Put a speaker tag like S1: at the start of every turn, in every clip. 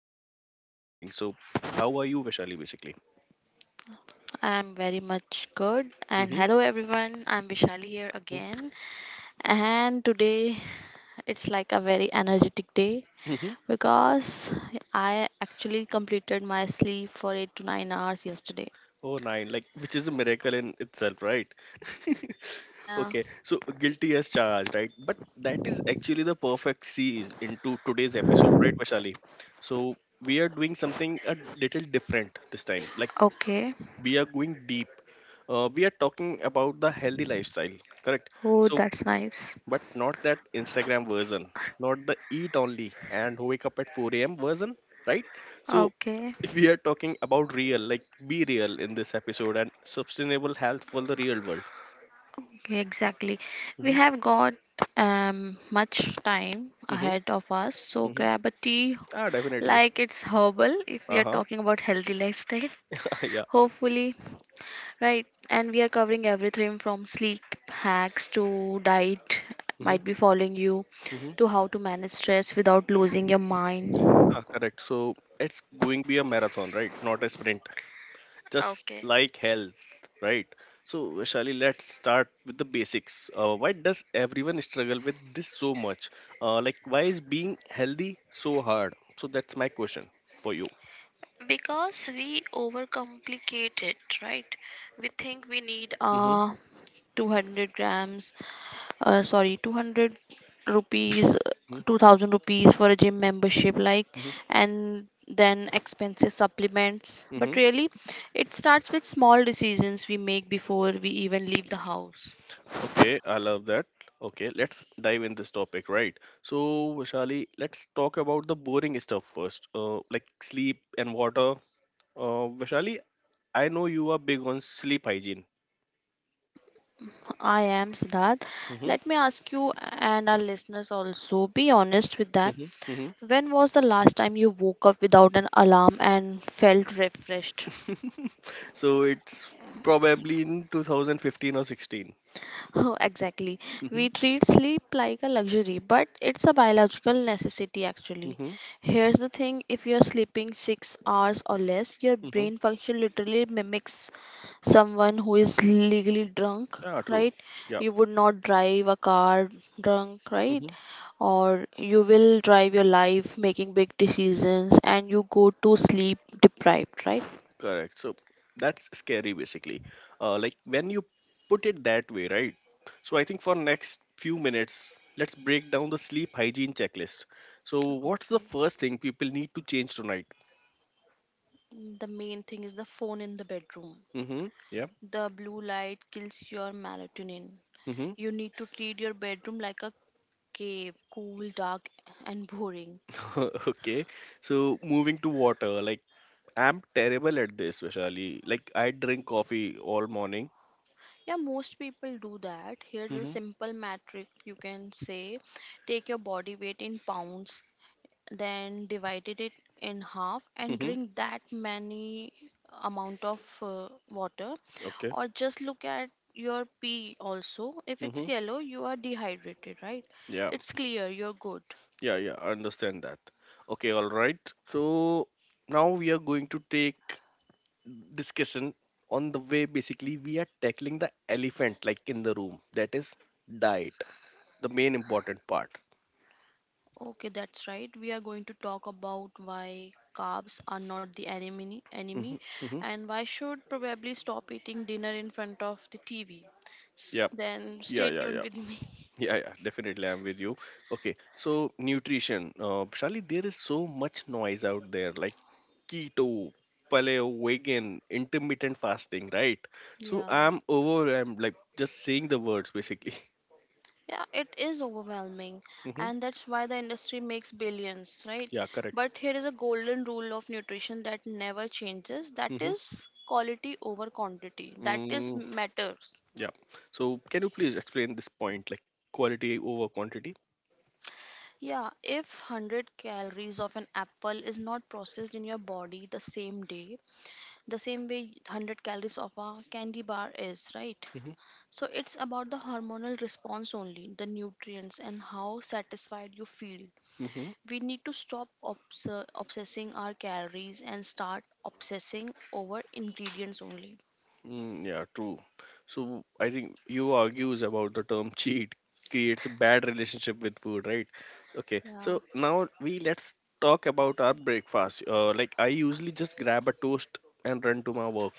S1: Good morning, very good morning. So, how are you, Vishali, basically?
S2: I'm very much good. And
S1: Mm-hmm.
S2: hello, everyone. I'm Vishali here again. And today it's like a very energetic day
S1: Mm-hmm. Mm-hmm.
S2: because I actually completed my sleep for 8 to 9 hours yesterday.
S1: Oh, nine, like which is a miracle in itself, right?
S2: Yeah.
S1: Okay, so guilty as charged, right? But that is actually the perfect sees into today's episode, right, Vashali? So, we are doing something a little different this time, like
S2: Okay.
S1: we are going deep. We are talking about the healthy lifestyle, correct?
S2: Oh,
S1: So,
S2: that's nice.
S1: but not that Instagram version, not the eat only and wake up at 4 a.m. version, right? So
S2: Okay.
S1: we are talking about real, like be real in this episode and sustainable health for the real world.
S2: Okay, exactly. We
S1: Hmm.
S2: have got much time
S1: Hmm.
S2: ahead of us, so
S1: Hmm.
S2: grab a tea,
S1: Ah, definitely.
S2: like it's herbal if we
S1: Uh
S2: are
S1: huh.
S2: talking about healthy lifestyle.
S1: Yeah.
S2: Hopefully. Right, and we are covering everything from sleep hacks to diet,
S1: Mm-hmm,
S2: might be following you,
S1: mm-hmm.
S2: to how to manage stress without losing your mind.
S1: Ah, correct. So it's going to be a marathon, right? Not a sprint. Just
S2: Okay.
S1: like health, right? So, Shali, let's start with the basics. Why does everyone struggle with this so much? Like, why is being healthy so hard? So, that's my question for you.
S2: Because we overcomplicate it, right? We think we need
S1: Mm-hmm.
S2: 200 grams, sorry, 200 rupees, 2000 rupees for a gym membership, like,
S1: Mm-hmm.
S2: and then expensive supplements, but
S1: Hmm.
S2: really it starts with small decisions we make before we even leave the house.
S1: Okay, I love that. Okay, let's dive in this topic, right? So, Vishali, let's talk about the boring stuff first, like sleep and water. Vishali, I know you are big on sleep hygiene.
S2: I am Siddharth,
S1: Mm-hmm.
S2: let me ask you and our listeners also, be honest with that.
S1: Mm-hmm.
S2: When was the last time you woke up without an alarm and felt refreshed?
S1: Mm-hmm. So it's probably in 2015 or 16.
S2: Oh, exactly.
S1: Mm-hmm.
S2: We treat sleep like a luxury, but it's a biological necessity actually.
S1: Mm-hmm.
S2: Here's the thing, if you're sleeping 6 hours or less, your
S1: Mm-hmm.
S2: brain function literally mimics someone who is legally drunk,
S1: Ah, true.
S2: right?
S1: Yeah.
S2: You would not drive a car drunk, right?
S1: Mm-hmm.
S2: Or you will drive your life making big decisions and you go to sleep deprived, right?
S1: Correct. So that's scary, basically. Like when you put it that way, right? So I think for next few minutes, let's break down the sleep hygiene checklist. So what's the
S2: Okay.
S1: first thing people need to change tonight?
S2: The main thing is the phone in the bedroom.
S1: Mm-hmm. Yeah.
S2: The blue light kills your melatonin.
S1: Mm-hmm.
S2: You need to treat your bedroom like a cave, cool, dark, and boring.
S1: Okay. So moving to water, like I'm terrible at this, Vishali. Like I drink coffee all morning.
S2: Yeah, most people do that. Here's a
S1: Mm-hmm.
S2: simple metric you can say: take your body weight in pounds, then divided it in half, and drink that many amount of water,
S1: Okay.
S2: or just look at your pee also. If it's
S1: Mm-hmm.
S2: yellow, you are dehydrated, right?
S1: Yeah.
S2: It's clear, you're good.
S1: Yeah. Yeah. I understand that. Okay. All right. So now we are going to take discussion on the way basically we are tackling the elephant like in the room that is diet, the main important part.
S2: Okay, that's right. We are going to talk about why carbs are not the enemy,
S1: Mm-hmm, mm-hmm.
S2: and why should probably stop eating dinner in front of the TV.
S1: Yeah,
S2: Then
S1: yeah,
S2: stay
S1: yeah,
S2: tuned
S1: yeah,
S2: with me.
S1: yeah, yeah, definitely I'm with you. Okay, so nutrition, Shali, there is so much noise out there like keto, paleo, vegan, intermittent fasting, right? So
S2: Yeah.
S1: I'm overwhelmed, like just saying the words basically.
S2: Yeah, it is overwhelming,
S1: Hmm.
S2: and that's why the industry makes billions, right?
S1: Yeah, correct.
S2: But here is a golden rule of nutrition that never changes, that
S1: Hmm.
S2: is quality over quantity, that is
S1: Mm,
S2: matters.
S1: yeah. So can you please explain this point, like quality over quantity?
S2: Yeah, if 100 calories of an apple is not processed in your body the same day, the same way 100 calories of a candy bar is, right?
S1: Hmm.
S2: So it's about the hormonal response only, the nutrients, and how satisfied you feel.
S1: Hmm.
S2: We need to stop obsessing our calories and start obsessing over ingredients only.
S1: Mm, yeah, true. So I think you argues about the term cheat creates a bad relationship with food, right? Okay.
S2: Yeah.
S1: So now we let's talk about our breakfast. Like I usually just grab a toast and run to my work.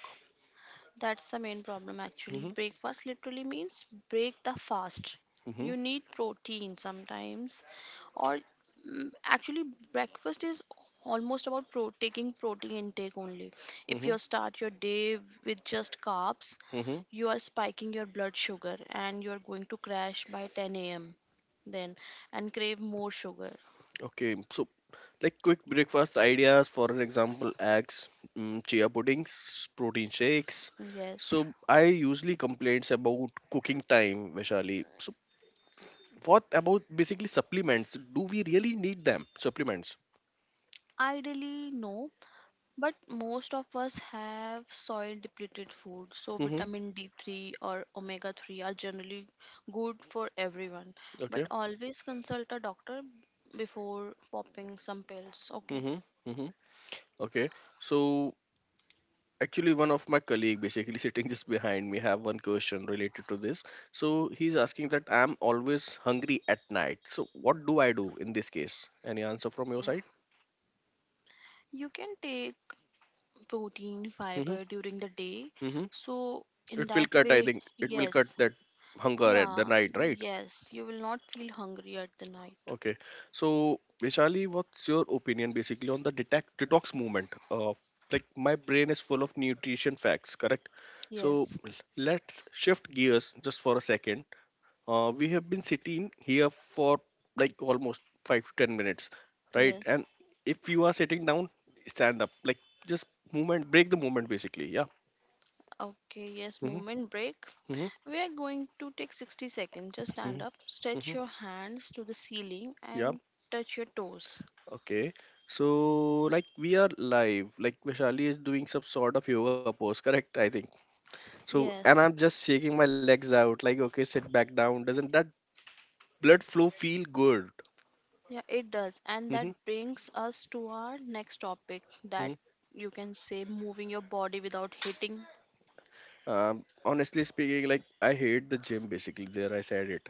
S2: That's the main problem actually.
S1: Mm-hmm,
S2: Breakfast literally means break the fast.
S1: mm-hmm,
S2: You need protein sometimes, or actually, breakfast is almost about taking protein intake only. If
S1: mm-hmm,
S2: you start your day with just carbs,
S1: mm-hmm.
S2: you are spiking your blood sugar and you are going to crash by 10 a.m., then, and crave more sugar.
S1: Okay, so like quick breakfast ideas, for an example, eggs, chia puddings, protein shakes.
S2: Yes,
S1: So I usually complains about cooking time, Vaishali. So what about basically supplements? Do we really need them? Supplements.
S2: ideally, no. But most of us have soil depleted food, so
S1: Mm-hmm.
S2: vitamin D3 or omega 3 are generally good for everyone. But
S1: Okay.
S2: always consult a doctor before popping some pills. Okay,
S1: Mm-hmm. Mm-hmm. Okay. So actually one of my colleague basically sitting just behind me have one question related to this, so he's asking that I'm always hungry at night, so what do I do in this case? Any answer from your side?
S2: you can take protein,
S1: Mm-hmm.
S2: fiber during the day,
S1: Mm-hmm.
S2: so in
S1: it will
S2: that
S1: cut I
S2: way,
S1: think it will cut
S2: yes,
S1: that hunger at the
S2: yeah,
S1: night, right?
S2: yes, you will not feel hungry at the night.
S1: Okay. So Vishali, what's your opinion basically on the detac detox movement, like my brain is full of nutrition facts, correct? So
S2: Yes,
S1: l- let's shift gears just for a second. We have been sitting here for like almost 5 to 10 minutes, right?
S2: yes.
S1: And if you are sitting down, stand up. Like just movement, break the movement basically. Yeah.
S2: Okay, yes,
S1: Hmm.
S2: movement break.
S1: Hmm.
S2: We are going to take 60 seconds. Just stand
S1: Hmm.
S2: up, stretch
S1: Hmm.
S2: your hands to the ceiling,
S1: Yeah.
S2: and touch your toes.
S1: Okay. So like we are live. Like Vishali is doing some sort of yoga pose, correct? I think. So and
S2: Yes,
S1: I'm just shaking my legs out. Like okay, sit back down. Doesn't that blood flow feel good?
S2: yeah, it does. And that
S1: Hmm.
S2: brings us to our next topic, that,
S1: Hmm.
S2: you can say, moving your body without hitting.
S1: Honestly speaking, like I hate the gym. Basically, there I said it.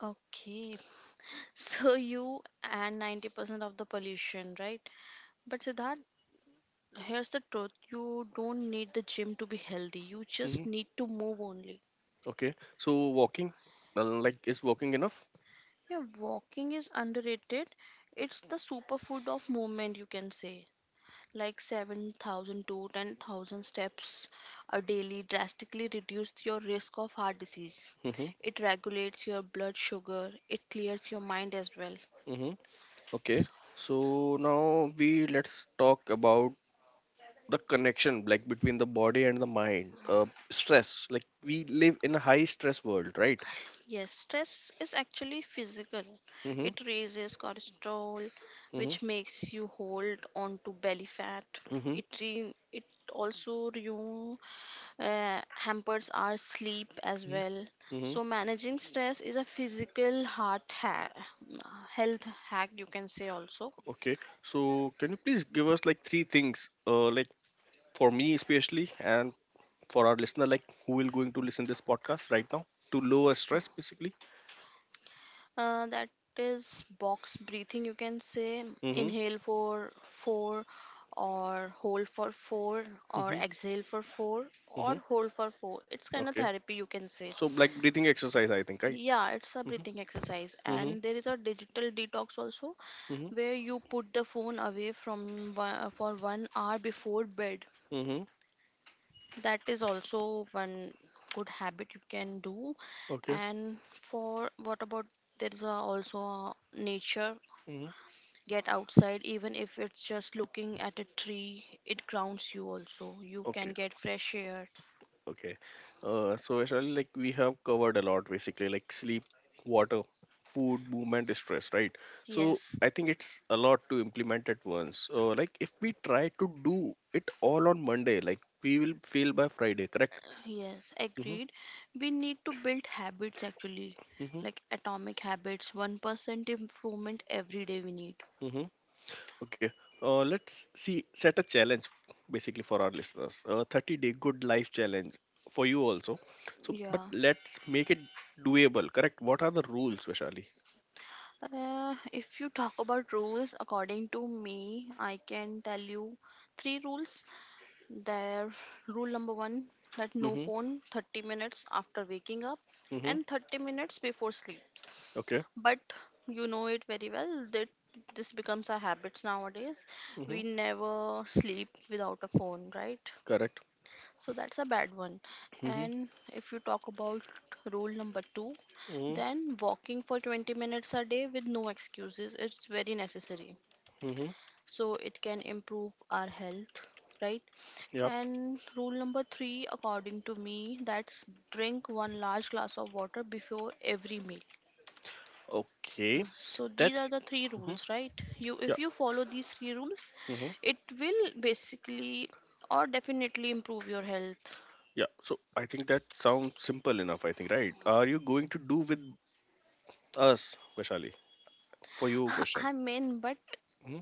S2: Okay, so you and 90% of the pollution, right? But Siddharth, here's the truth, you don't need the gym to be healthy, you just
S1: Hmm.
S2: need to move only.
S1: Okay. So walking, like, is walking enough?
S2: Yeah, walking is underrated. It's the superfood of movement, you can say. Like 7,000 to 10,000 steps a daily drastically reduce your risk of heart disease.
S1: Mm-hmm.
S2: It regulates your blood sugar, it clears your mind as well.
S1: Mm-hmm.
S2: So,
S1: Okay. So now we let's talk about the connection, like, between the body and the mind. Stress. Like, we live in a high stress world, right?
S2: yes, stress is actually physical.
S1: Mm-hmm.
S2: It raises cholesterol,
S1: Mm-hmm.
S2: which makes you hold on to belly fat.
S1: Mm-hmm.
S2: It also renew hampers our sleep as
S1: Mm-hmm.
S2: well.
S1: Mm-hmm.
S2: So managing stress is a physical health hack, you can say, also.
S1: Okay. So can you please give us like three things, like for me especially, and for our listener, like who will going to listen this podcast right now, to lower stress, basically.
S2: That is box breathing, you can say:
S1: Mm-hmm.
S2: inhale for four or hold for four or
S1: Mm-hmm.
S2: exhale for four or
S1: Mm-hmm.
S2: hold for four. It's kind of
S1: Okay.
S2: therapy, you can say.
S1: So like breathing exercise, I think, right?
S2: Yeah, it's a breathing
S1: Mm-hmm.
S2: exercise,
S1: Mm-hmm.
S2: and there is a digital detox also,
S1: Mm-hmm.
S2: where you put the phone away for 1 hour before bed.
S1: Mm-hmm.
S2: That is also one good habit you can do.
S1: Okay.
S2: And for what about, there's a, also a nature:
S1: Mm-hmm.
S2: get outside, even if it's just looking at a tree, it grounds you, also you can
S1: Okay.
S2: get fresh air.
S1: Okay. So actually, like we have covered a lot, basically, like sleep, water, food, movement, stress, right? So
S2: Yes.
S1: I think it's a lot to implement at once. Like if we try to do it all on Monday, like we will fail by Friday, correct?
S2: Yes,
S1: Mm-hmm.
S2: agreed. We need to build habits actually, like atomic habits, 1% improvement every day we need.
S1: Mm-hmm. Okay, let's see, set a challenge basically for our listeners. A 30-day good life challenge for you also. So, but
S2: Yeah.
S1: let's make it doable, correct? What are the rules, Vishali?
S2: If you talk about rules, according to me, I can tell you three rules. There, rule number one, that no
S1: Mm-hmm.
S2: phone 30 minutes after waking up
S1: Mm-hmm.
S2: and 30 minutes before sleeps.
S1: Okay.
S2: But you know it very well that this becomes our habits nowadays.
S1: Mm-hmm.
S2: We never sleep without a phone, right?
S1: Correct.
S2: So that's a bad one.
S1: Mm-hmm.
S2: And if you talk about rule number two,
S1: Mm-hmm.
S2: then walking for 20 minutes a day with no excuses is very necessary.
S1: Mm-hmm.
S2: So it can improve our health, right?
S1: Yep.
S2: And rule number three, according to me, that's drink one large glass of water before every meal.
S1: Okay.
S2: So these are
S1: That's.
S2: the three
S1: Mm-hmm.
S2: rules, right? You,
S1: Yeah.
S2: if you follow these three rules,
S1: Mm-hmm.
S2: it will basically or definitely improve your health.
S1: Yeah. So I think that sounds simple enough, I think, right? Are you going to do with us, Vishali? For you, question.
S2: I'm in, but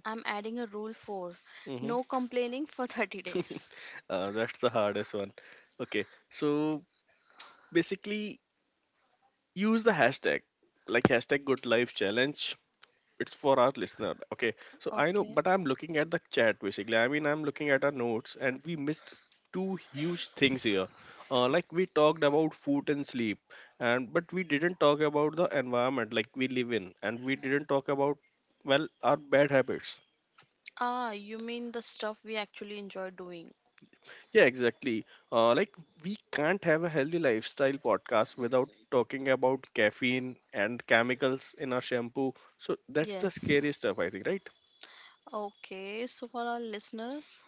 S2: I'm adding a rule for
S1: Mm-hmm.
S2: no complaining for 30
S1: Mm-hmm.
S2: days.
S1: That's the hardest one. Okay, so basically use the hashtag like hashtag good life challenge. It's for our listener. Okay, so I know,
S2: Okay.
S1: but I'm looking at the chat basically. I mean, I'm looking at our notes and we missed two huge things here. Like we talked about food and sleep, and but we didn't talk about the environment like we live in, and we didn't talk about well our bad habits.
S2: Ah, you mean the stuff we actually enjoy doing?
S1: Yeah, exactly. Like we can't have a healthy lifestyle podcast without talking about caffeine and chemicals in our shampoo. So that's the
S2: Yes.
S1: scary stuff, I think, right?
S2: Okay, so for our listeners,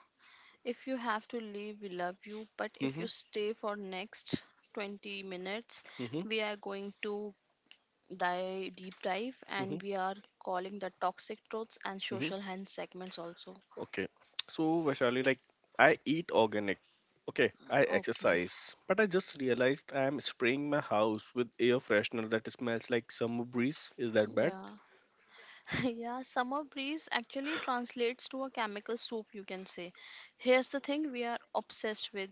S2: if you have to leave, we love you, but if you
S1: Mm-hmm.
S2: stay for next 20 minutes,
S1: Mm-hmm.
S2: we are going to dive deep dive,
S1: Mm-hmm.
S2: and we are calling the toxic truths and
S1: Mm-hmm.
S2: social hand segments also.
S1: Okay. So Vaishali, like I eat organic. Okay, I
S2: Okay,
S1: exercise, but I just realized I am spraying my house with air freshener that smells like summer breeze. Is that bad?
S2: yeah. Yeah, summer breeze actually translates to a chemical soup, you can say. Here's the thing, we are obsessed with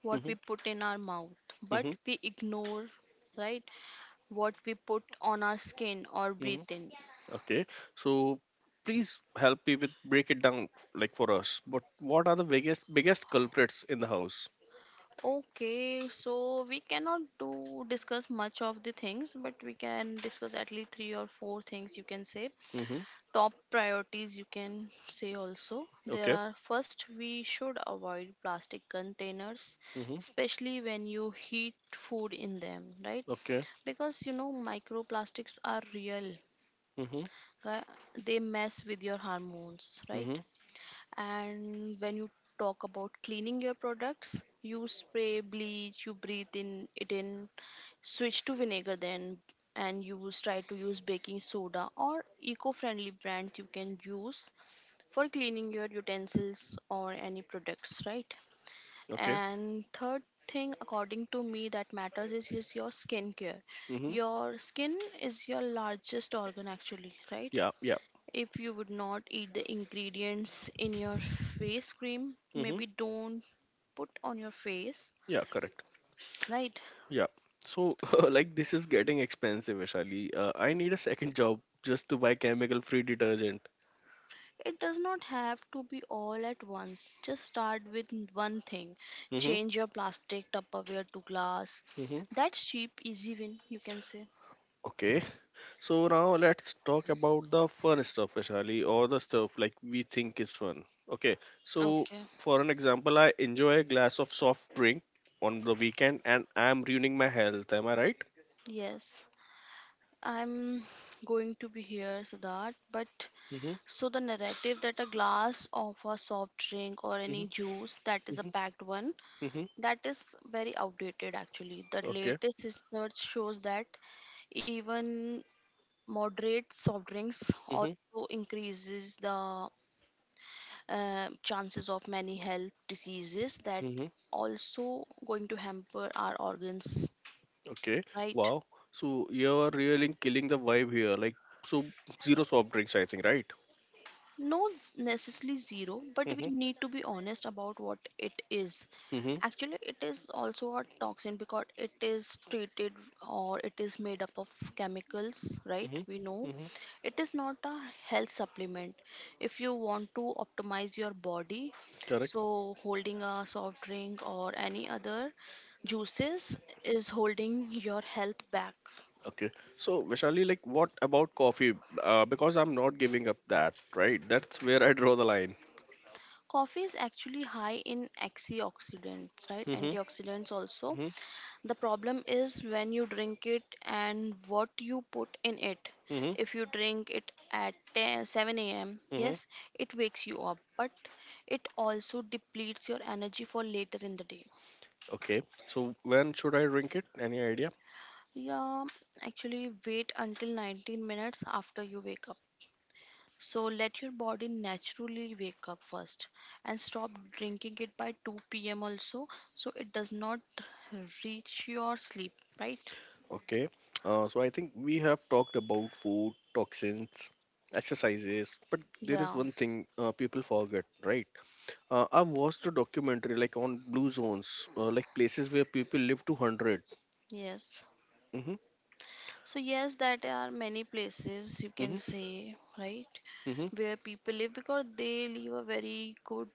S2: what
S1: Mm-hmm.
S2: we put in our mouth, but
S1: Mm-hmm.
S2: we ignore, right, what we put on our skin or
S1: Mm-hmm.
S2: breathe in.
S1: Okay, so please help me with break it down, like for us. But what are the biggest culprits in the house?
S2: Okay, so we cannot do discuss much of the things, but we can discuss at least three or four things, you can say.
S1: Mm-hmm.
S2: Top priorities you can say also. There
S1: Okay.
S2: are, first, we should avoid plastic containers,
S1: Mm-hmm.
S2: especially when you heat food in them, right?
S1: Okay.
S2: Because, you know, microplastics are real.
S1: Mm-hmm.
S2: uh, they mess with your hormones, right?
S1: Mm-hmm.
S2: And when you talk about cleaning your products, you spray bleach, you breathe in it, in, switch to vinegar then, and use try to use baking soda or eco-friendly brands you can use for cleaning your utensils or any products, right?
S1: Okay.
S2: And third thing, according to me, that matters is your skincare.
S1: Mm-hmm.
S2: Your skin is your largest organ, actually, right?
S1: Yeah. Yeah.
S2: If you would not eat the ingredients in your face cream,
S1: Mm-hmm.
S2: maybe don't put on your face,
S1: Yeah. Correct.
S2: right?
S1: Yeah. So like this is getting expensive, Vishali. I need a second job just to buy chemical free detergent.
S2: It does not have to be all at once. Just start with one thing.
S1: Mm-hmm.
S2: Change your plastic Tupperware to glass.
S1: Mm-hmm.
S2: That's cheap, easy win, you can say.
S1: Okay. So now let's talk about the fun stuff, Vishali, or the stuff like we think is fun. Okay, so
S2: Okay,
S1: for an example, I enjoy a glass of soft drink on the weekend and I'm ruining my health. Am I right?
S2: yes. I'm going to be here, Siddharth. But
S1: Mm-hmm.
S2: so the narrative that a glass of a soft drink or any
S1: Mm-hmm.
S2: juice that is a
S1: Mm-hmm.
S2: packed one,
S1: Mm-hmm.
S2: that is very outdated actually. The
S1: Okay.
S2: latest research shows that even moderate soft drinks
S1: Mm-hmm.
S2: also increases the chances of many health diseases, that
S1: Mm-hmm.
S2: also going to hamper our organs,
S1: Okay.
S2: right?
S1: Wow. So you're really killing the vibe here. Like so zero soft drinks, I think, right?
S2: No, necessarily zero, but we
S1: Mm-hmm.
S2: need to be honest about what it is.
S1: Mm-hmm.
S2: Actually, it is also a toxin because it is treated or it is made up of chemicals, right?
S1: Mm-hmm.
S2: We know
S1: Mm-hmm.
S2: it is not a health supplement. If you want to optimize your body,
S1: Correct.
S2: so holding a soft drink or any other juices is holding your health back.
S1: Okay. So, Vishali, like, what about coffee? Because I'm not giving up that, right? That's where I draw the line.
S2: Coffee is actually high in antioxidants, right?
S1: Mm-hmm. Mm-hmm.
S2: Antioxidants also. The problem is when you drink it and what you put in it.
S1: Mm-hmm.
S2: If you drink it at 10, 7 a.m.,
S1: Mm-hmm.
S2: yes, it wakes you up, but it also depletes your energy for later in the day.
S1: Okay. So, when should I drink it? Any idea?
S2: Yeah, actually, wait until 19 minutes after you wake up. So let your body naturally wake up first and stop drinking it by 2 p.m. also, so it does not reach your sleep, right?
S1: Okay. So, I think we have talked about food, toxins, exercises, but there
S2: Yeah,
S1: is one thing people forget, right? I watched a documentary like on blue zones, like places where people live to 100.
S2: yes.
S1: Mm-hmm.
S2: So yes, that are many places you can
S1: Mm-hmm.
S2: say, right,
S1: Mm-hmm.
S2: where people live because they live a very good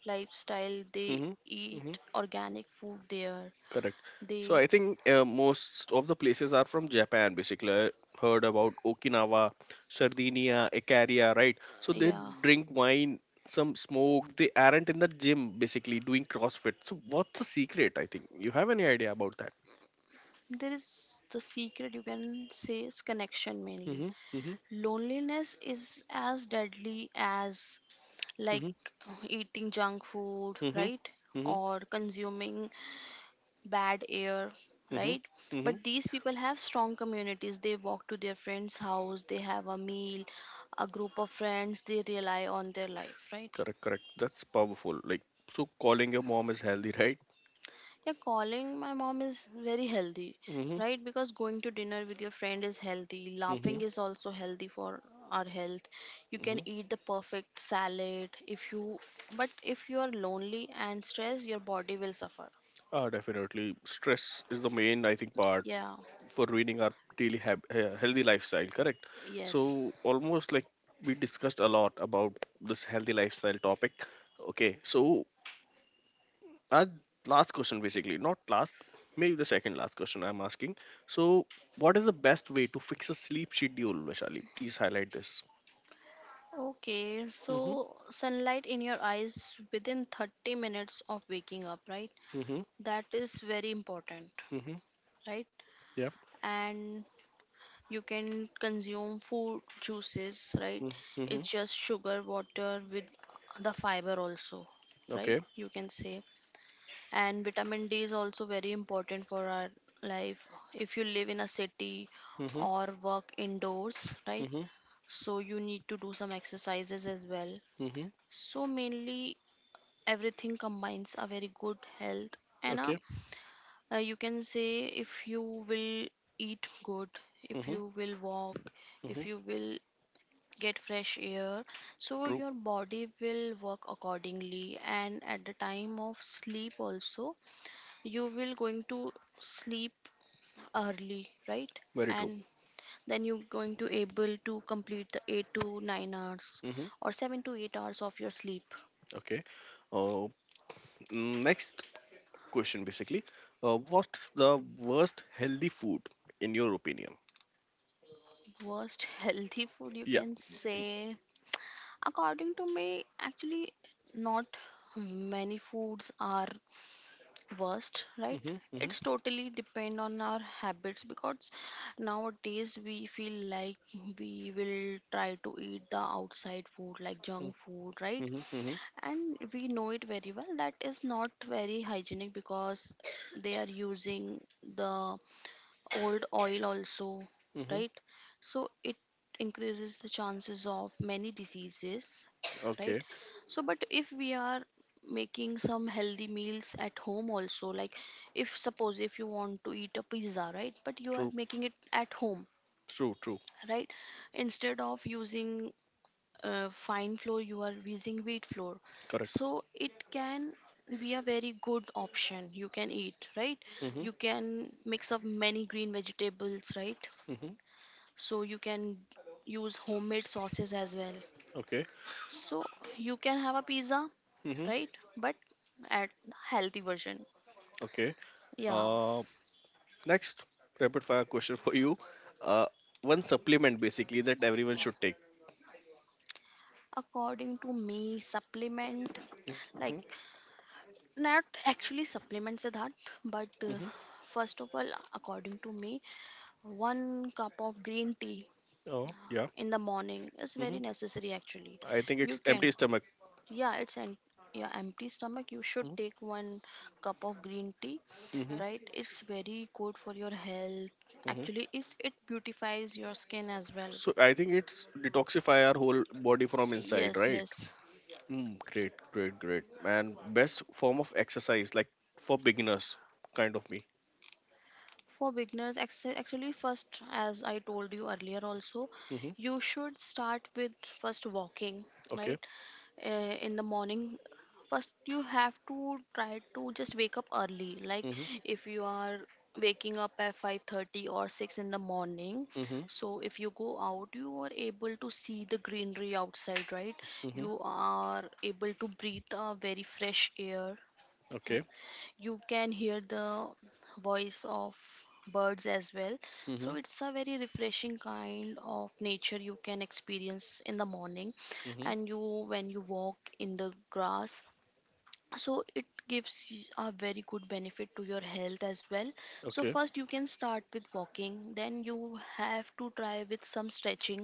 S2: lifestyle. They eat
S1: Mm-hmm.
S2: organic food there.
S1: Correct. So
S2: They,
S1: I think most of the places are from Japan. Basically, I heard about Okinawa, Sardinia, Icaria, right? So they
S2: yeah,
S1: drink wine, some smoke. They aren't in the gym, basically doing CrossFit. So what's the secret? I think you have any idea about that?
S2: there is the secret, you can say, is connection mainly.
S1: Mm-hmm. Mm-hmm.
S2: Loneliness is as deadly as, like,
S1: Mm-hmm.
S2: eating junk food,
S1: Mm-hmm.
S2: right?
S1: Mm-hmm.
S2: Or consuming bad air,
S1: Mm-hmm.
S2: right?
S1: Mm-hmm.
S2: But these people have strong communities. They walk to their friend's house, they have a meal, a group of friends they rely on their life, right?
S1: Correct. Correct. That's powerful. Like so, calling your mom is healthy, right?
S2: Yeah, calling my mom is very healthy,
S1: Mm-hmm.
S2: right? Because going to dinner with your friend is healthy, laughing
S1: Mm-hmm.
S2: is also healthy for our health. You can
S1: Mm-hmm.
S2: eat the perfect salad if you, but if you are lonely and stressed, your body will suffer.
S1: Ah, definitely. Stress is the main, I think, part
S2: Yeah,
S1: for ruining our daily healthy lifestyle, correct?
S2: yes.
S1: So almost like we discussed a lot about this healthy lifestyle topic. Okay, so our last question basically, not last, maybe the second last question I'm asking. So what is the best way to fix a sleep schedule, Vashali? Please highlight this.
S2: Okay,
S1: Mm-hmm.
S2: so sunlight in your eyes within 30 minutes of waking up, right?
S1: Mm-hmm.
S2: That is very important,
S1: Mm-hmm.
S2: right?
S1: Yeah.
S2: And you can consume food juices, right? It's
S1: Mm-hmm.
S2: just sugar, water with the fiber also, right?
S1: Okay.
S2: You can say. And vitamin D is also very important for our life. If you live in a city
S1: Mm-hmm.
S2: or work indoors, right?
S1: Mm-hmm.
S2: So you need to do some exercises as well.
S1: Mm-hmm.
S2: So mainly everything combines a very good health and a,
S1: Okay.
S2: you can say, if you will eat good, if
S1: Mm-hmm.
S2: you will walk, if
S1: Mm-hmm.
S2: you will get fresh air, so
S1: True.
S2: your body will work accordingly, and at the time of sleep also you will going to sleep early, right?
S1: Very true.
S2: And then you going to able to complete the 8 to 9 hours
S1: Mm-hmm.
S2: or 7 to 8 hours of your sleep.
S1: Okay. uh, Next question basically. What's the worst healthy food in your opinion?
S2: Worst healthy food, you
S1: Yeah.
S2: can say. According to me, actually, not many foods are worst, right?
S1: Mm-hmm,
S2: It's
S1: mm-hmm,
S2: totally depend on our habits, because nowadays we feel like we will try to eat the outside food like junk
S1: mm-hmm,
S2: food, right?
S1: mm-hmm, mm-hmm.
S2: And we know it very well that is not very hygienic, because they are using the old oil also,
S1: Mm-hmm.
S2: right? So it increases the chances of many diseases, right?
S1: Okay.
S2: So but if we are making some healthy meals at home also, like if suppose if you want to eat a pizza, right, but you are
S1: True.
S2: making it at home,
S1: True. True.
S2: right, instead of using fine flour you are using wheat flour,
S1: Correct.
S2: so it can be a very good option you can eat, right? You
S1: Mm-hmm,
S2: can mix up many green vegetables, right?
S1: mm-hmm.
S2: So you can use homemade sauces as well,
S1: Okay.
S2: so you can have a pizza,
S1: Mm-hmm.
S2: right, but at healthy version.
S1: Okay.
S2: Yeah,
S1: Uh, Next rapid fire question for you. Uh, One supplement basically that everyone should take.
S2: according to me, supplement,
S1: Mm-hmm,
S2: like not actually supplements are that, but
S1: mm-hmm.
S2: first of all, according to me, one cup of green tea
S1: Oh yeah.
S2: in the morning is very
S1: Mm-hmm.
S2: necessary actually.
S1: I think
S2: You
S1: it's
S2: can,
S1: empty stomach.
S2: yeah it's an, yeah empty stomach you should
S1: Mm-hmm,
S2: take one cup of green tea, right?
S1: mm-hmm.
S2: It's very good for your health.
S1: Mm-hmm.
S2: Actually it's, it beautifies your skin as well.
S1: So I think it's detoxify our whole body from inside,
S2: Yes,
S1: right?
S2: yes.
S1: Mm, great, great, great. And best form of exercise, like for beginners, kind of me.
S2: For beginners, actually first, as I told you earlier also,
S1: Mm-hmm.
S2: you should start with first walking, right?
S1: Okay.
S2: uh, in the morning, first you have to try to just wake up early, like
S1: Mm-hmm.
S2: if you are waking up at 5:30 or 6 in the morning,
S1: Mm-hmm.
S2: so if you go out you are able to see the greenery outside, right?
S1: Mm-hmm.
S2: You are able to breathe a very fresh air.
S1: Okay.
S2: You can hear the voice of birds as well. So
S1: Mm-hmm.
S2: it's a very refreshing kind of nature you can experience in the morning.
S1: Mm-hmm.
S2: And you, when you walk in the grass, so it gives a very good benefit to your health as well. So
S1: Okay.
S2: first you can start with walking, then you have to try with some stretching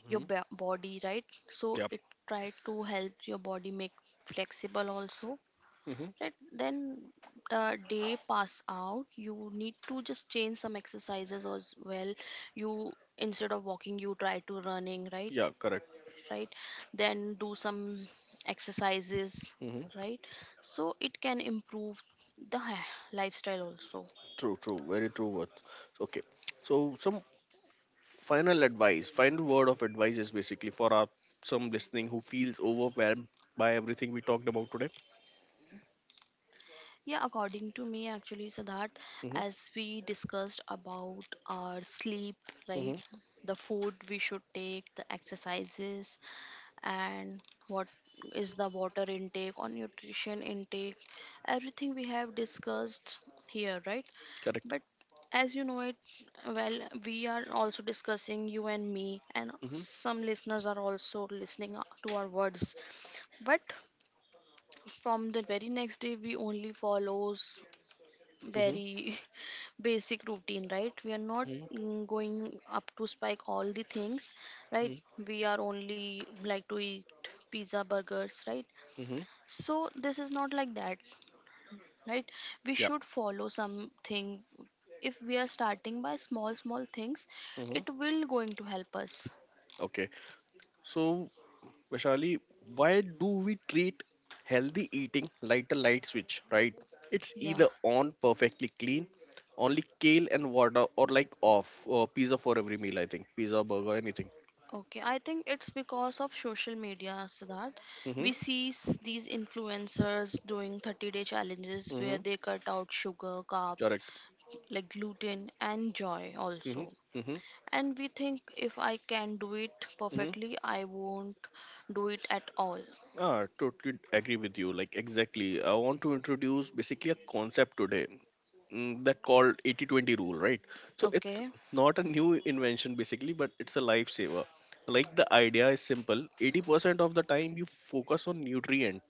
S2: your
S1: Mm-hmm.
S2: body, right? So it
S1: Yep.
S2: try to help your body make flexible also,
S1: Mm-hmm.
S2: right? Then the day pass out, you need to just change some exercises as well. You, instead of walking you try to running, right?
S1: Yeah, correct.
S2: Right, then do some exercises,
S1: Mm-hmm.
S2: right? So it can improve the lifestyle also.
S1: True, true. Very true words. Okay. So some final advice, final word of advice is basically for our some listening who feels overwhelmed by everything we talked about today.
S2: Yeah, according to me, actually, Siddharth,
S1: Mm-hmm.
S2: as we discussed about our sleep, right,
S1: Mm-hmm.
S2: the food we should take, the exercises, and what is the water intake or nutrition intake, everything we have discussed here, right?
S1: Correct.
S2: But as you know it, well, we are also discussing you and me, and
S1: Mm-hmm.
S2: some listeners are also listening to our words. But from the very next day, we only follows
S1: Mm-hmm.
S2: very basic routine, right? We are not going up to spike all the things, right?
S1: Mm-hmm.
S2: We are only like to eat pizza burgers, right?
S1: Mm-hmm.
S2: So this is not like that, right? We
S1: Yeah.
S2: should follow something. If we are starting by small small things, it
S1: Mm-hmm.
S2: will going to help us.
S1: Okay. So Vishali, why do we treat healthy eating like a light switch, right? It's
S2: Yeah,
S1: either on perfectly clean, only kale and water, or like off, or pizza for every meal, I think. Pizza, burger, anything.
S2: okay, I think it's because of social media, so that we
S1: Mm-hmm.
S2: see these influencers doing 30-day challenges where
S1: Mm-hmm.
S2: they cut out sugar carbs
S1: Correct.
S2: like gluten and joy also.
S1: Mm-hmm. Mm-hmm.
S2: And we think if I can do it
S1: Mm-hmm.
S2: perfectly, I won't do it at all.
S1: Ah, totally agree with you. Like exactly. I want to introduce basically a concept today that called 80-20 rule, right? So it's
S2: Okay.
S1: not a new invention basically, but it's a lifesaver. Like the idea is simple. 80% of the time you focus on nutrient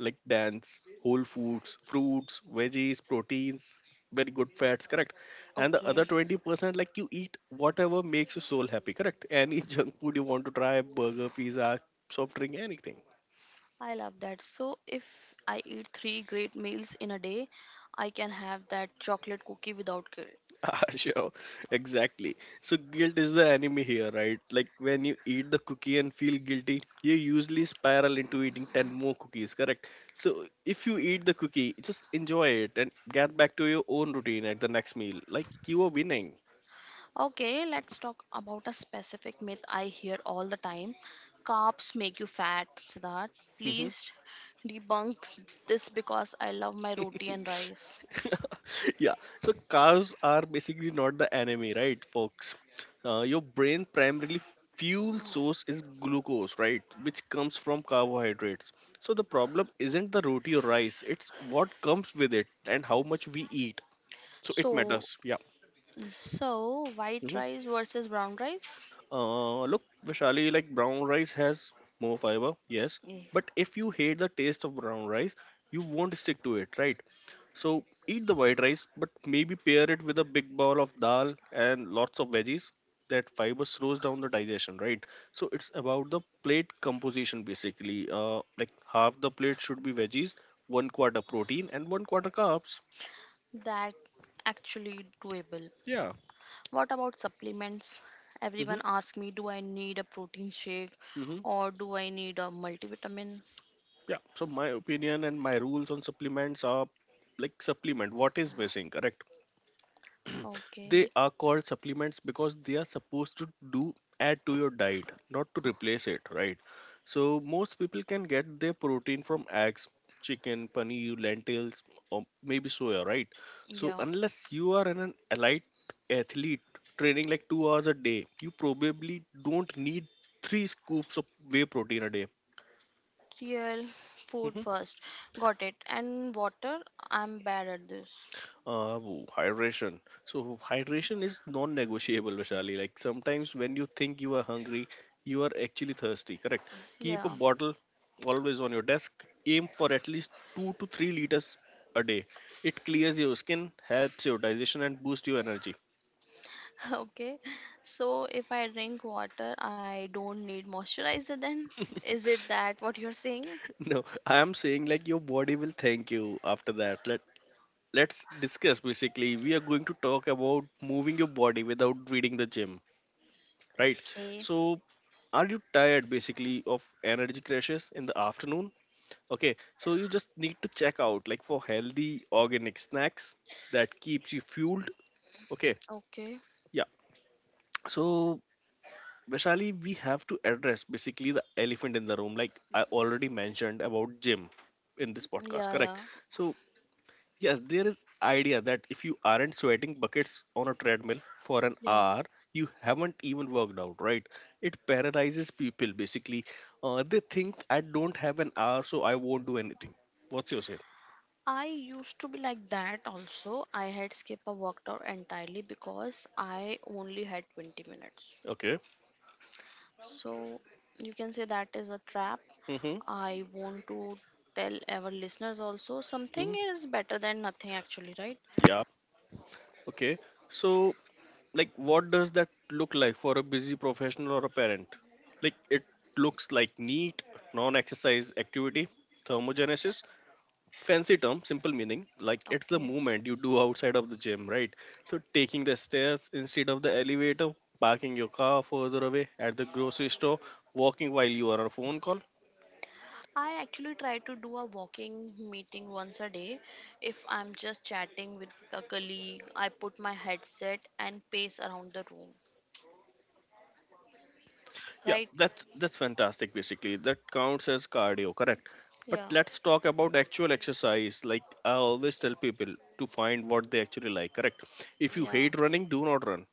S1: like dance, whole foods, fruits, veggies, proteins, very good fats, correct? And the
S2: Okay,
S1: other 20% like you eat whatever makes your soul happy, correct? Any junk food you want to try, burger, pizza, soft drink, anything.
S2: I love that. So, if I eat three great meals in a day, I can have that chocolate cookie without guilt.
S1: Ah, sure, exactly. So guilt is the enemy here, right? Like when you eat the cookie and feel guilty, you usually spiral into eating 10 more cookies, correct? So if you eat the cookie, just enjoy it and get back to your own routine at the next meal. Like you are winning.
S2: Okay, let's talk about a specific myth I hear all the time. Carbs make you fat, Siddharth.
S1: Hmm.
S2: Please debunk this because I love my roti and rice.
S1: Yeah, so cars are basically not the enemy, right, folks? Your brain primarily fuel source is glucose, right, which comes from carbohydrates. So the problem isn't the roti or rice, it's what comes with it and how much we eat, so it
S2: So,
S1: matters, yeah.
S2: so white
S1: Mhm.
S2: rice versus brown rice?
S1: Look, vishali, like brown rice has more fiber, yes,
S2: Mm.
S1: but if you hate the taste of brown rice, you won't stick to it, right? So eat the white rice, but maybe pair it with a big bowl of dal and lots of veggies. That fiber slows down the digestion, right? So it's about the plate composition basically. Like half the plate should be veggies, one quarter protein, and one quarter carbs.
S2: That actually doable.
S1: Yeah.
S2: What about supplements? Everyone
S1: Mm-hmm.
S2: asks me, do I need a protein shake
S1: Mm-hmm.
S2: or do I need a multivitamin?
S1: Yeah. So my opinion and my rules on supplements are like supplement. What is missing? Correct.
S2: Okay,
S1: They are called supplements because they are supposed to do add to your diet, not to replace it, right? So most people can get their protein from eggs, chicken, paneer, lentils, or maybe soya, right?
S2: yeah.
S1: So unless you are an elite athlete training like 2 hours a day, you probably don't need three scoops of whey protein a day.
S2: Real food
S1: Mm-hmm.
S2: first. Got it. And water, I'm bad at this.
S1: Hydration. So hydration is non-negotiable, Vishali. Like sometimes when you think you are hungry, you are actually thirsty. Correct. Keep
S2: Yeah.
S1: a bottle always on your desk. Aim for at least 2 to 3 liters a day. It clears your skin, helps your digestion, and boosts your energy.
S2: Okay. So if I drink water, I don't need moisturizer then? Is it that what you're saying?
S1: No, I am saying like your body will thank you after that. Let's discuss. Basically, we are going to talk about moving your body without reading the gym, right?
S2: Okay.
S1: So, are you tired basically of energy crashes in the afternoon? Okay, so you just need to check out like for healthy organic snacks that keeps you fueled. Okay,
S2: Okay.
S1: yeah. So, Vaishali, we have to address basically the elephant in the room, like I already mentioned about gym in this
S2: Yeah,
S1: podcast,
S2: yeah.
S1: correct? So, yes, there is idea that if you aren't sweating buckets on a treadmill for an
S2: Yeah.
S1: hour, you haven't even worked out, right? It paralyzes people basically. They think I don't have an hour, so I won't do anything. What's your say?
S2: I used to be like that also. I had skipped a workout entirely because I only had 20 minutes.
S1: Okay.
S2: So you can say that is a trap.
S1: Mhm.
S2: I want to tell our listeners also, something
S1: Mhm.
S2: is better than nothing actually, right?
S1: Yeah. Okay. So, like, what does that look like for a busy professional or a parent? Like, it looks like neat, non-exercise activity, thermogenesis, fancy term simple meaning like it's the
S2: Okay.
S1: movement you do outside of the gym, right? So taking the stairs instead of the elevator, parking your car further away at the grocery store, walking while you are on a phone call.
S2: I actually try to do a walking meeting once a day. If I'm just chatting with a colleague, I put my headset and pace around the room,
S1: Yeah,
S2: right?
S1: that's fantastic basically, that counts as cardio, correct?
S2: Yeah.
S1: But let's talk about actual exercise, like I always tell people to find what they actually like, correct? If you
S2: Yeah.
S1: hate running, do not run.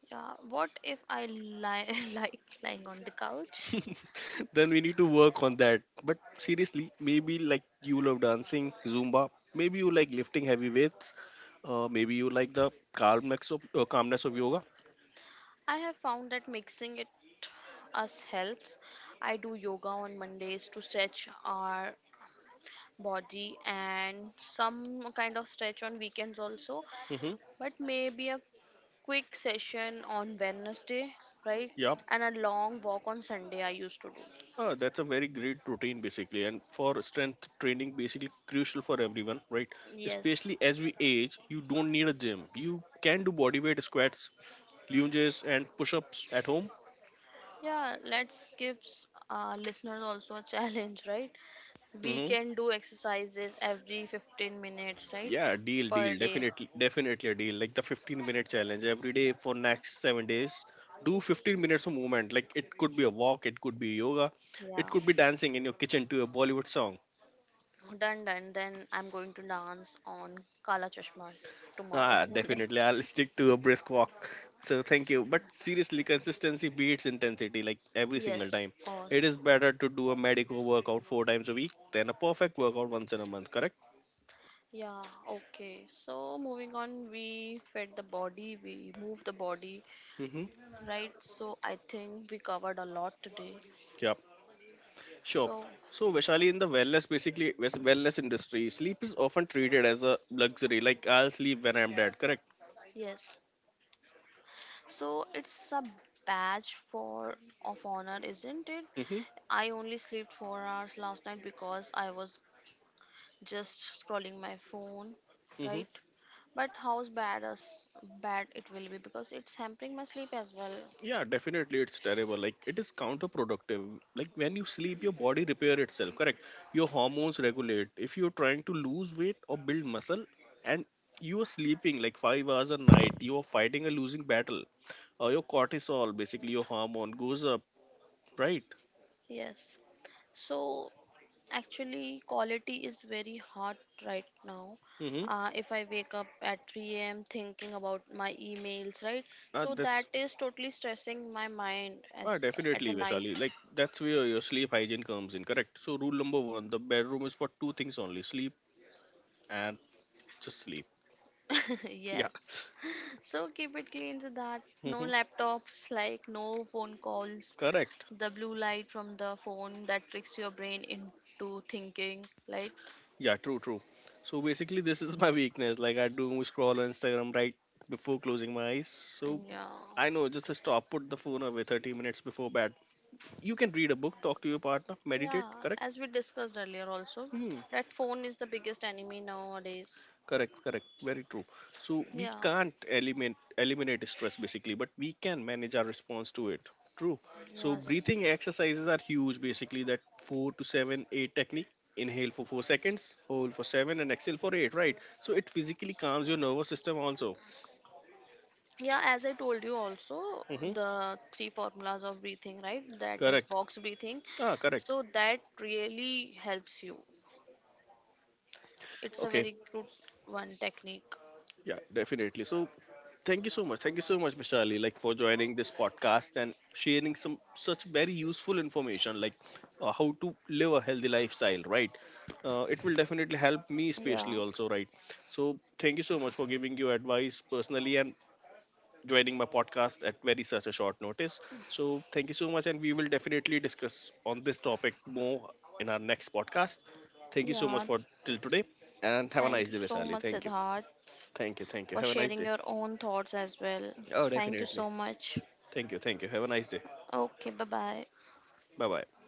S2: Yeah, what if I lie, like lying on the couch?
S1: Then we need to work on that. But seriously, maybe like you love dancing, Zumba. Maybe you like lifting heavy weights. Maybe you like the calmness of yoga.
S2: I have found that mixing it us helps. I do yoga on Mondays to stretch our body and some kind of stretch on weekends also,
S1: Mm-hmm.
S2: but maybe a quick session on Wednesday, right?
S1: Yeah,
S2: And a long walk on Sunday I used to do.
S1: that's a very great routine basically, and for strength training, basically crucial for everyone, right?
S2: Yes.
S1: Especially as we age, you don't need a gym. You can do body weight squats, lunges, and push-ups at home.
S2: Yeah, let's give our listeners also a challenge, right? We
S1: Mm-hmm.
S2: can do exercises every 15 minutes, right?
S1: Yeah, deal,
S2: Per
S1: deal.
S2: day.
S1: Definitely, definitely a deal. Like the 15-minute challenge every day for next 7 days. Do 15 minutes of movement. Like it could be a walk, it could be yoga,
S2: Yeah.
S1: it could be dancing in your kitchen to a Bollywood song.
S2: Done, done. Then I'm going to dance on Kala Chashma tomorrow
S1: Ah,
S2: morning.
S1: definitely. I'll stick to a brisk walk. So thank you. But seriously, consistency beats intensity like every
S2: Yes,
S1: single
S2: of
S1: time.
S2: course.
S1: It is better to do a medical workout 4 times a week than a perfect workout once in a month, correct?
S2: Yeah, okay. So moving on, we fed the body, we moved the body,
S1: Mm-hmm.
S2: right? So I think we covered a lot today.
S1: Yep. Sure.
S2: So,
S1: So, Vaishali, in the wellness, basically wellness industry, sleep is often treated as a luxury. Like I'll sleep when I'm dead. Correct.
S2: yes. So it's a badge for of honor, isn't it?
S1: Mm-hmm.
S2: I only slept 4 hours last night because I was just scrolling my phone,
S1: Mm-hmm.
S2: right? But how's bad as bad it will be, because it's hampering my sleep as well.
S1: Yeah, definitely, it's terrible. Like it is counterproductive. Like when you sleep, your body repair itself. Correct. Your hormones regulate. If you're trying to lose weight or build muscle, and you are sleeping like 5 hours a night, you are fighting a losing battle. Your cortisol, basically your hormone, goes up. Right.
S2: Yes. So actually, quality is very hard right now.
S1: Mm-hmm.
S2: If I wake up at 3 a.m. thinking about my emails, right? So that
S1: That's
S2: is totally stressing my mind as
S1: Ah,
S2: at the
S1: definitely,
S2: night.
S1: Vaishali. Like that's where your sleep hygiene comes in, correct? So rule number one, the bedroom is for two things only: sleep and just sleep. Yeah.
S2: Yes. So keep it clean, so that no
S1: Hmm.
S2: laptops, like no phone calls,
S1: Correct.
S2: the blue light from the phone that tricks your brain into thinking, right?
S1: Yeah, true, true. So basically, this is my weakness. Like I do scroll on Instagram right before closing my eyes.
S2: And
S1: So
S2: yeah,
S1: I know, just stop, put the phone away 30 minutes before bed. You can read a book, talk to your partner, meditate,
S2: yeah,
S1: correct?
S2: as we discussed earlier, also
S1: Hmm.
S2: that phone is the biggest enemy nowadays.
S1: Correct, correct. Very true. So we
S2: Yeah,
S1: can't eliminate stress basically, but we can manage our response to it. True. So
S2: yes.
S1: breathing exercises are huge basically, that four to seven, eight technique. Inhale for 4 seconds, hold for 7, and exhale for 8, right? So it physically calms your nervous system also.
S2: Yeah, as I told you also,
S1: Mm-hmm.
S2: the three formulas of breathing, right? That is
S1: Correct.
S2: box breathing.
S1: Ah,
S2: So
S1: correct.
S2: that really helps you. It's a
S1: Okay.
S2: very good one technique.
S1: Yeah, definitely. So, thank you so much. Thank you so much, Vishali, like for joining this podcast and sharing some such very useful information, like how to live a healthy lifestyle, right? It will definitely help me,
S2: Yeah.
S1: especially also, right? So, thank you so much for giving you advice personally and joining my podcast at very such a short notice. So, thank you so much, and we will definitely discuss on this topic more in our next podcast. Thank you so
S2: Yeah,
S1: much for till today, and have a
S2: thank you
S1: nice day,
S2: so much,
S1: Vishali. Thank you.
S2: Siddharth,
S1: Thank you.
S2: for
S1: Thank you. Have a
S2: sharing
S1: nice
S2: your
S1: day.
S2: own thoughts as well.
S1: Oh,
S2: Thank you so
S1: definitely.
S2: much.
S1: Thank you. Thank you. Have a nice day.
S2: Okay, bye bye.
S1: Bye bye.